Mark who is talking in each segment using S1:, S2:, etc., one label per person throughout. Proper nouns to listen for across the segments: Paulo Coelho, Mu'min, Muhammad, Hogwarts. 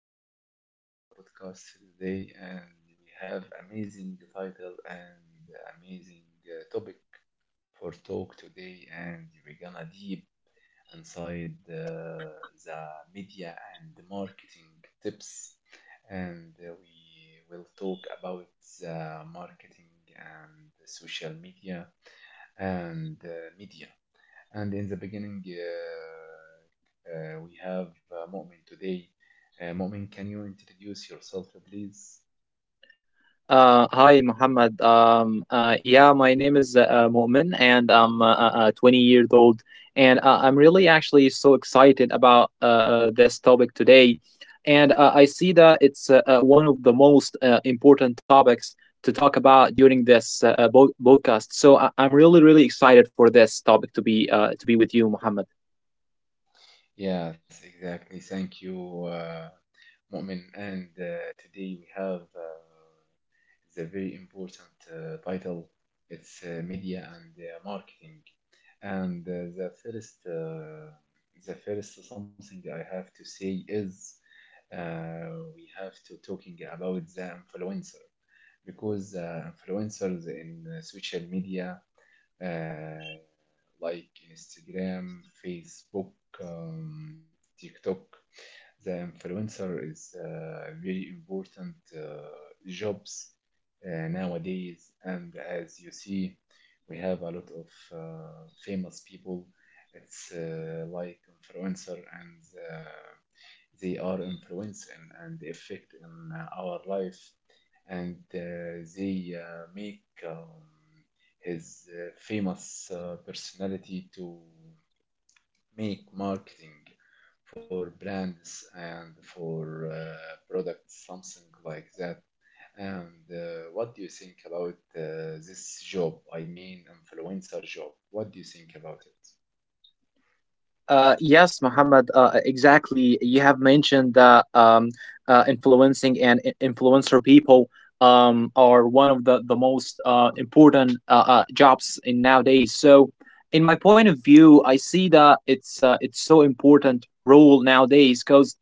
S1: gonna start our podcast today, and we have amazing title and amazing topic for talk today, and we're gonna deep inside the media and the marketing tips. And we will talk about the marketing and social media and media. And in the beginning, we have Mu'min today. Mu'min, can you introduce yourself, please?
S2: Hi, Muhammad. Yeah, my name is Mu'min, and I'm 20 years old, and I'm really actually so excited about this topic today. And I see that it's one of the most important topics to talk about during this podcast. So I'm really, really excited for this topic to be to be with you, Muhammad.
S1: Yes, exactly. Thank you, Mu'min. And today we have the very important title. It's media and marketing. And the first, the first something I have to say is, we have to talking about the influencer, because influencers in social media. Uh, like Instagram, Facebook, TikTok. The influencer is very important jobs nowadays, and as you see, we have a lot of famous people. It's like influencer, and uh, they are influencing and effect in our life. And they make his famous personality to make marketing for brands and for products, something like that. And what do you think about this job? I mean, influencer job, what do you think about it?
S2: Yes, Mohammed. Exactly. You have mentioned that influencing and influencer people are one of the most important jobs in nowadays. So, in my point of view, I see that it's so important role nowadays, because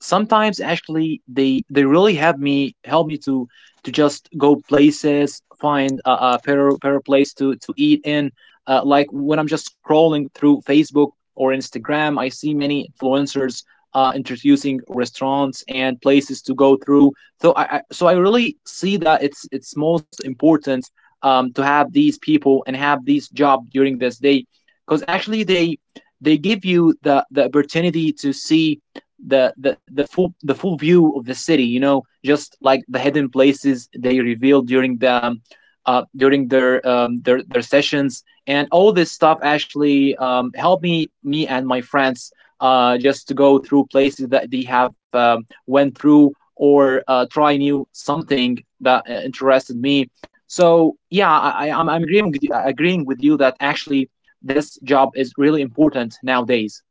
S2: sometimes actually they really have me help me to just go places, find a better place to eat in. Like when I'm just scrolling through Facebook or Instagram, I see many influencers introducing restaurants and places to go through. So I really see that it's most important to have these people and have these job during this day, because actually they give you the opportunity to see the full view of the city, you know, just like the hidden places they revealed during their sessions and all this stuff actually helped me and my friends just to go through places that they have went through, or try new something that interested me. So yeah, I'm agreeing with you that actually this job is really important nowadays.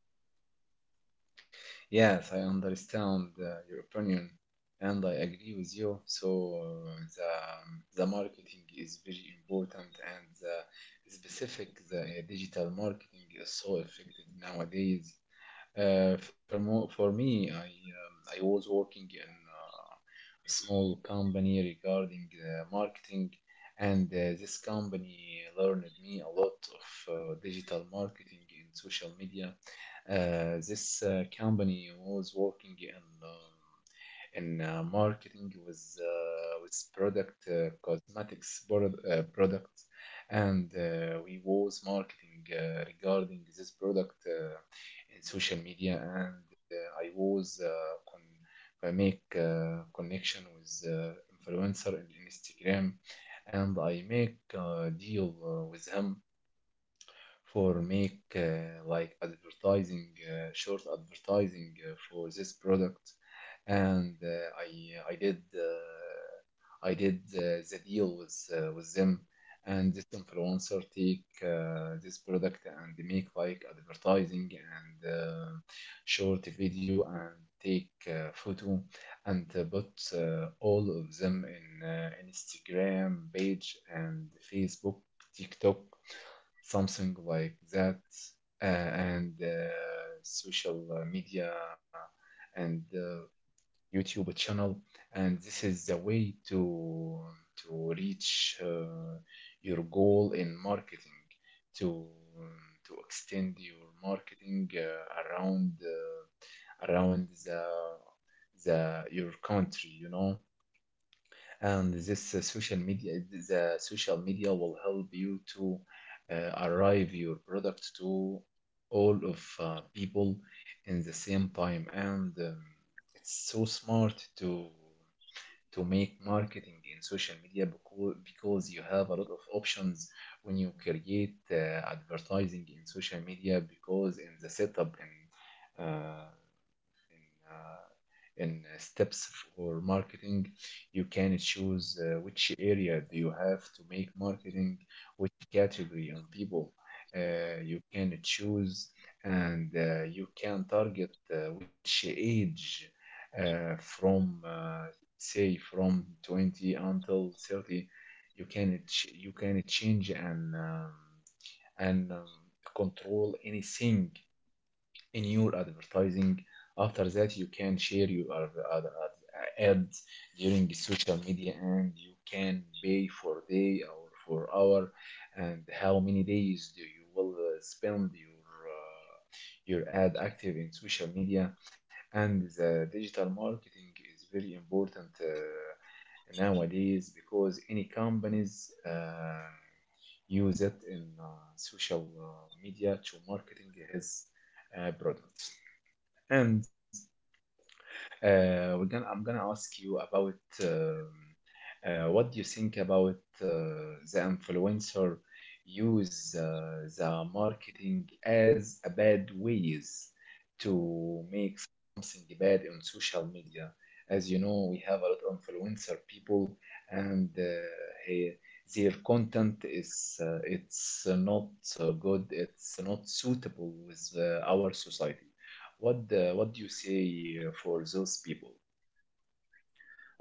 S1: Yes, I understand your opinion, and I agree with you. So the the marketing is very important, and the specific, the digital marketing is so effective nowadays. For me, I was working in uh, a small company regarding marketing, and this company learned me a lot of digital marketing in social media. This company was working in marketing with with product, products. And we was marketing regarding this product in social media, and I was make connection with influencer in Instagram, and I make a deal with him for make like advertising, short advertising for this product. And I did i did uh, the deal with with them, and this influencer take this product and make like advertising and short video and take photo, and put all of them in Instagram page and Facebook, TikTok, something like that. And social media and YouTube channel. And this is the way to reach your goal in marketing, to to extend your marketing around the your country, you know. And this social media will help you to arrive your product to all of people in the same time. And it's so smart to make marketing in social media, because you have a lot of options when you create advertising in social media, because in the setup, in uh, steps for marketing. You can choose which area do you have to make marketing, which category of people you can choose, and you can target which age from say from 20 until 30. You can change and and um, control anything in your advertising. After that, you can share your ads during social media, and you can pay for day or for hour. And how many days do you will spend uh, your ad active in social media? And the digital marketing is very important nowadays, because any companies. Use it in social media to marketing his products. And we're gonna I'm gonna ask you about uh, what do you think about the influencer use the marketing as a bad ways to make something bad on social media? As you know, we have a lot of influencer people, and he- their content is it's not good. It's not suitable with our society. What do you say for those people?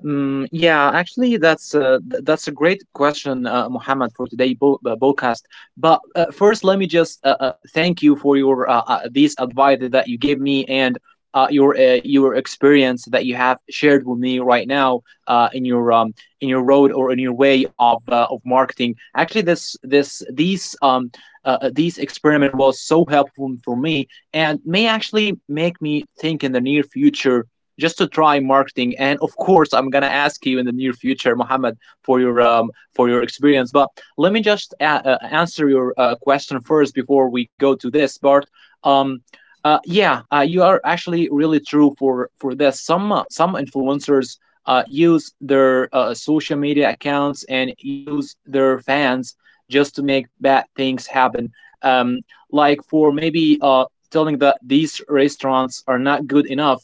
S2: Mm, yeah, actually, that's a great question, Mohammed, for today podcast. But first, let me just thank you for your these advice that you gave me, and your experience that you have shared with me right now, uh, in your um, in your road, or in your way of marketing. Actually, this these experiment was so helpful for me, and may actually make me think in the near future just to try marketing. And of course, I'm gonna ask you in the near future, Mohammed, for your experience. But let me just answer your question first, before we go to this part. um, yeah, you are actually really true, for this some influencers use their social media accounts and use their fans just to make bad things happen. um, like, for maybe, telling that these restaurants are not good enough.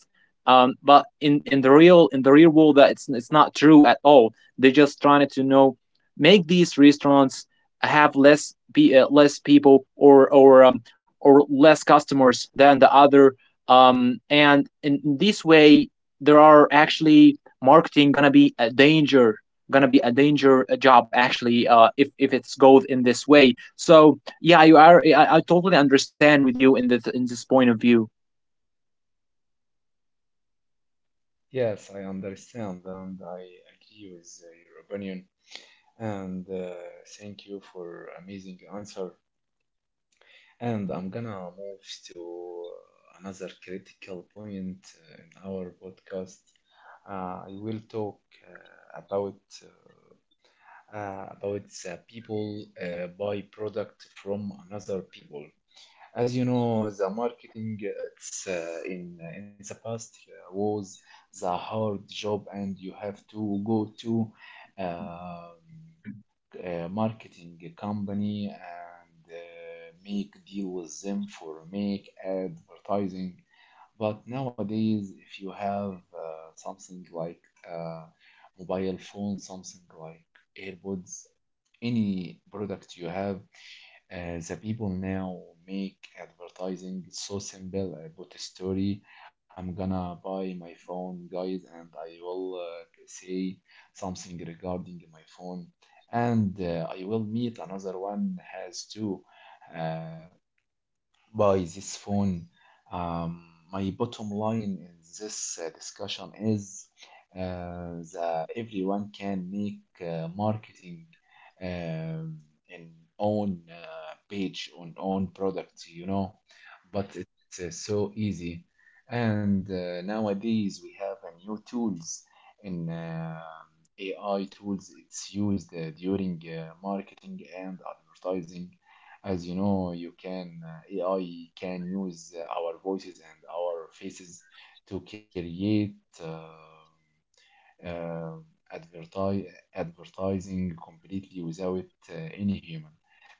S2: But in the real world, that it's not true at all. They're just trying to, you know, make these restaurants have less people, or less customers than the other. And in this way, there are actually marketing gonna be a danger, job actually. If it's goes in this way, so yeah, you are I totally understand with you in this point of view.
S1: Yes, I understand, and I agree with your opinion. And thank you for amazing answer. And I'm gonna move to another critical point in our podcast. I will talk uh, about about the people buy product from another people. As you know, the marketing, it's in the past was the hard job, and you have to go to um, a marketing company and make deal with them for make advertising. But nowadays, if you have something like uh, mobile phone, something like AirPods, any product you have, the people now make advertising so simple. I put a story. I'm gonna buy my phone, guys, and I will say something regarding my phone, and I will meet another one has two. Uh, by this phone. Um, my bottom line in this discussion is that everyone can make marketing um, in own page on own product, you know, but it's so easy. And nowadays we have new tools in AI tools. It's used during marketing and advertising. As you know, you can AI can use our voices and our faces to create uh, uh, advertise, advertising completely without any human.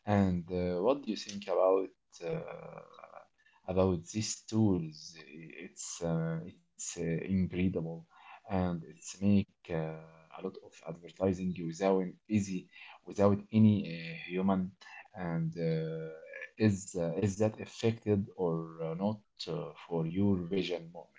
S1: And what do you think uh, about these tools? It's incredible, and it's make a lot of advertising without easy, without any human. And is that affected or not for your vision moment?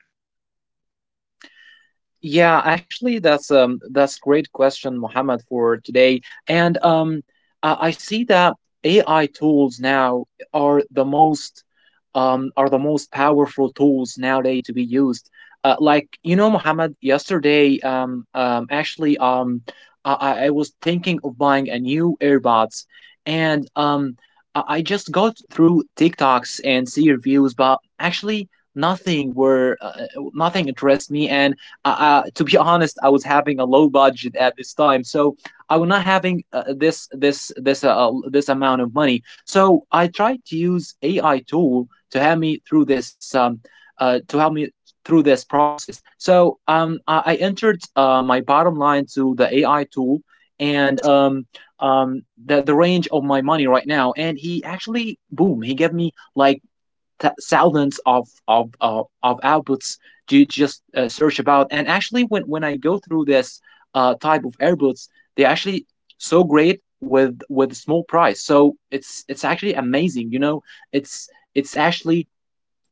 S2: Yeah, actually, that's great question, Mohammed, for today. And I see that AI tools now are the most powerful tools nowadays to be used. Like, you know, Mohammed, yesterday, actually, I was thinking of buying a new earbuds, and I just got through TikToks and see reviews, but actually, nothing were uh, nothing interests me, and to be honest, I was having a low budget at this time, so I was not having this amount of money. So I tried to use AI tool to help me through this process. So I entered my bottom line to the AI tool, and the range of my money right now, and he actually, boom, he gave me like thousands of outputs to just search about. And actually, when I go through this type of earbuds, they're actually so great with small price. So it's actually amazing. You know, it's it's actually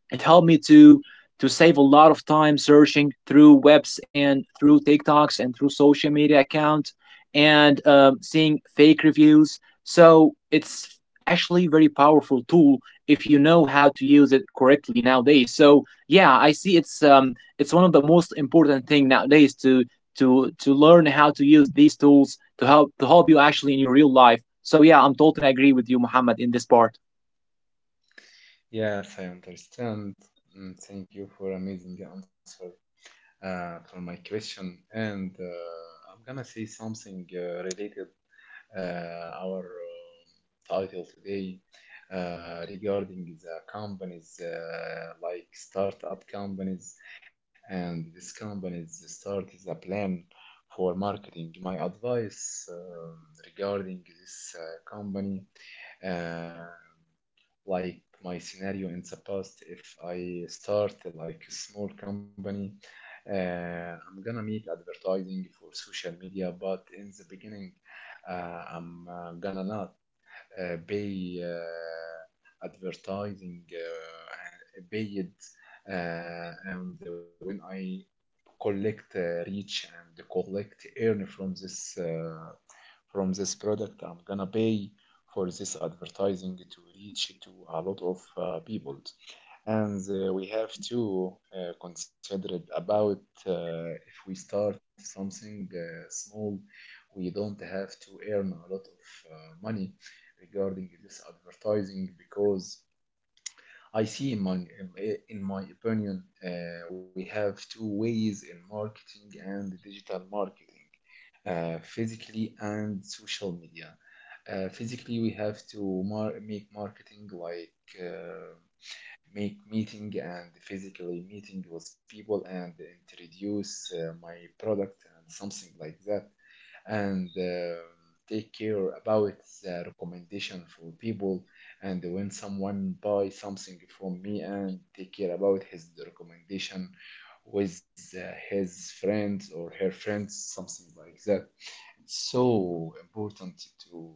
S2: it helped me to save a lot of time searching through webs, and through TikToks, and through social media account, and seeing fake reviews. So it's actually a very powerful tool if you know how to use it correctly nowadays. So yeah, I see it's one of the most important thing nowadays, to learn how to use these tools to help you actually in your real life. So yeah, I'm totally agree with you, Muhammad, in this part.
S1: Yes, I understand. Mm, thank you for amazing answer for my question. And I'm gonna say something related our title today regarding the companies like startup companies, and this companies start the plan for marketing. My advice regarding this company, uh, like my scenario in the past, if I start like a small company, I'm gonna make advertising for social media. But in the beginning, I'm gonna not pay advertising, pay it and when I collect reach and collect earn from this, from this product, I'm gonna pay for this advertising to reach to a lot of people. And we have to consider it about if we start something small, we don't have to earn a lot of uh, money regarding this advertising, because I see in my opinion, we have two ways in marketing and digital marketing, physically and social media. Physically, we have to make marketing like uh, make meeting and physically meeting with people and introduce my product and something like that. And take care about the recommendation for people. And when someone buy something from me, and take care about his recommendation with his friends or her friends, something like that, it's so important to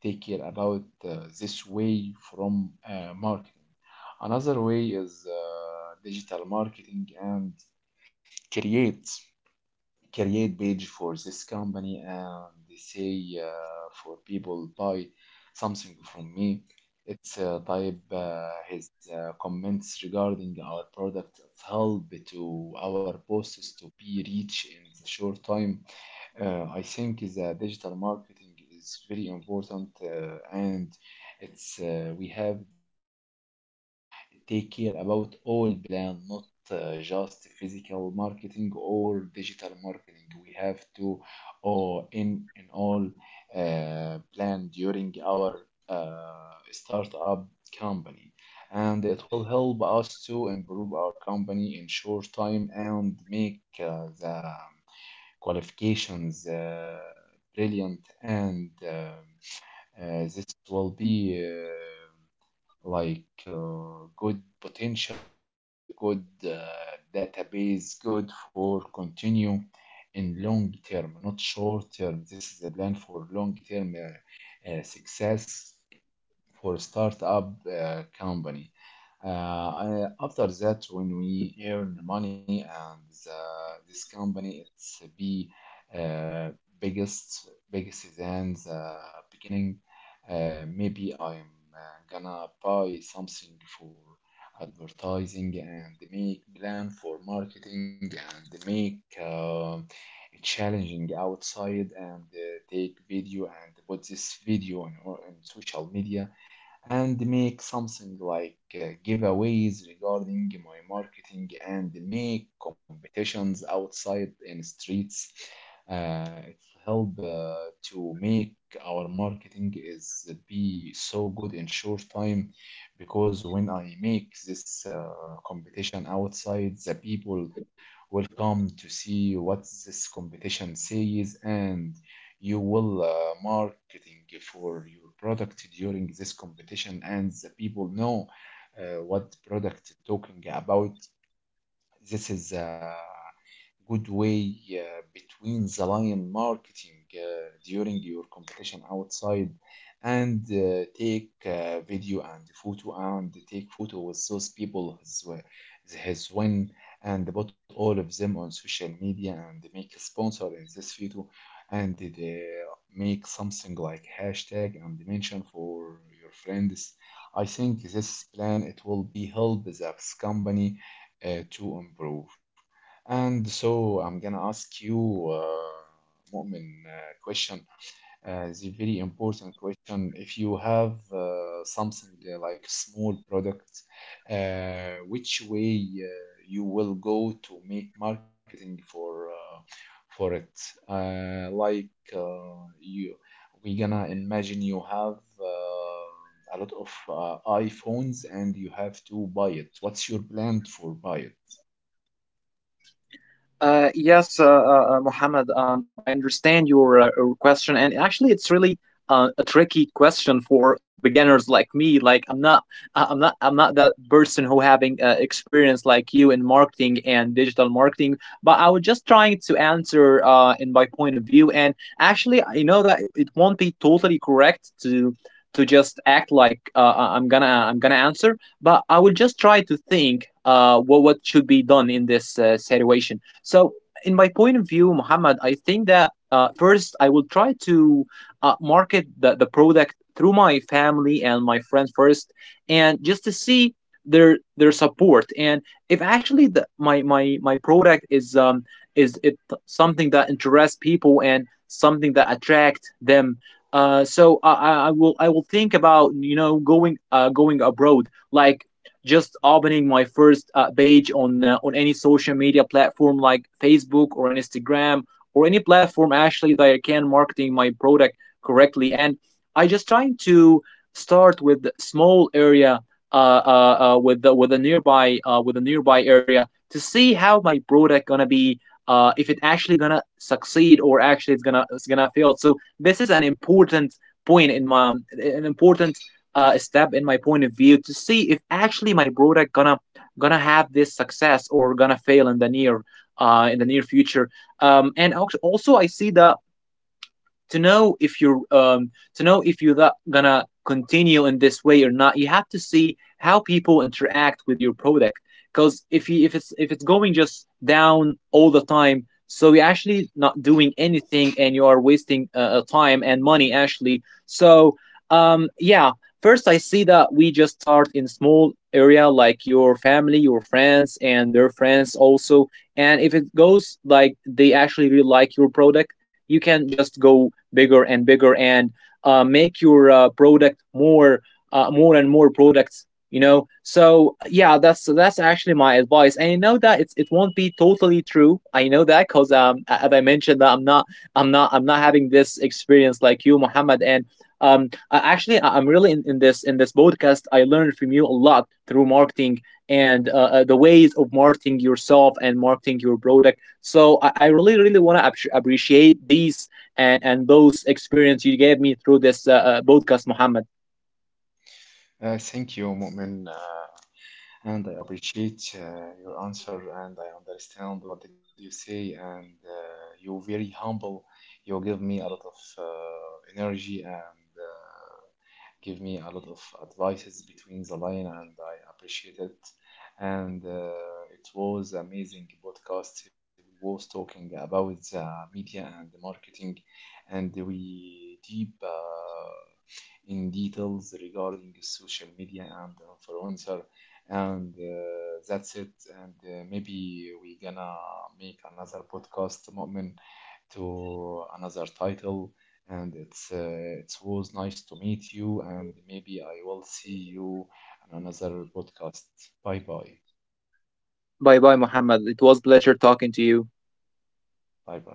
S1: take care about this way from marketing. Another way is digital marketing, and create create page for this company, and they say for people buy something from me. It's type his comments regarding our product. It's help to our posts to be reach in the short time. I think the digital marketing is very important, and it's we have to take care about all plan, not just physical marketing or digital marketing. We have to, or in all plan during our startup company, and it will help us to improve our company in short time and make the qualifications brilliant. And this will be like good potential and good database, good for continue in long term, not short term. This is a plan for long term success for a startup company. After that, when we earn money and this company, it's be uh, biggest biggest than the beginning. Maybe I'm gonna buy something for advertising and make plan for marketing and make challenging outside and take video and put this video on social media and make something like giveaways regarding my marketing, and make competitions outside in streets. It help to make our marketing is be so good in short time, because when I make this competition outside, the people will come to see what this competition says, and you will marketing for your product during this competition, and the people know what product talking about. This is good way between the lion marketing during your competition outside. And take video and photo, and take photo with those people has, has win, and put all of them on social media and make a sponsor in this photo, and they make something like hashtag and mention for your friends. I think this plan, it will be help the company to improve. And so I'm gonna ask you, Mu'min, question. The very important question. If you have something like small product, which way uh, you will go to make marketing for it? Like uh, you, we gonna imagine you have a lot of iPhones, and you have to buy it. What's your plan for buy it?
S2: Yes, Mohammed, I understand your question, and actually, it's really a tricky question for beginners like me. Like, I'm not, I'm not that person who having experience like you in marketing and digital marketing. But I was just trying to answer in my point of view, and actually, I know that it won't be totally correct to just act like I'm gonna answer, but I will just try to think what should be done in this situation. So, in my point of view, Muhammad, I think that first I will try to market the product through my family and my friends first, and just to see their support. And if actually my product is it something that interests people and something that attract them. So, I will think about, you know, going going abroad, like just opening my first page on any social media platform, like Facebook or Instagram, or any platform actually that I can marketing my product correctly. And I just trying to start with small area, uh, with the, with a nearby area, to see how my product gonna be, if it actually gonna succeed or actually it's gonna fail. So this is an important step in my point of view, to see if actually my product gonna gonna have this success or gonna fail in the near, future. And also, I see the to know if you're gonna continue in this way or not. You have to see how people interact with your product, because if it's going just down all the time, so you're actually not doing anything, and you are wasting time and money, actually. So yeah, first I see that we just start in small area, like your family, your friends, and their friends also. And if it goes like they actually really like your product, you can just go bigger and bigger, and make your product more, more and more products, you know. So yeah, that's actually my advice. And I know that it won't be totally true. I know that, because as I mentioned, that I'm not having this experience like you, Muhammad. And actually, I'm really in this podcast, I learned from you a lot through marketing, and the ways of marketing yourself and marketing your product. So I really, really want to appreciate these, and those experience you gave me through this podcast, Muhammad.
S1: Thank you, Mu'min, and I appreciate your answer, and I understand what did you say, and you're very humble. You give me a lot of energy and give me a lot of advices between the line, and I appreciate it. And it was amazing podcast. We was talking about the media and the marketing, and we deep. In details regarding social media and influencer. And that's it. And maybe we gonna make another podcast, مؤمن, to another title. And it's it was nice to meet you, and maybe I will see you on another podcast. Bye bye.
S2: Bye bye, Mohammed. It was a pleasure talking to you.
S1: Bye bye.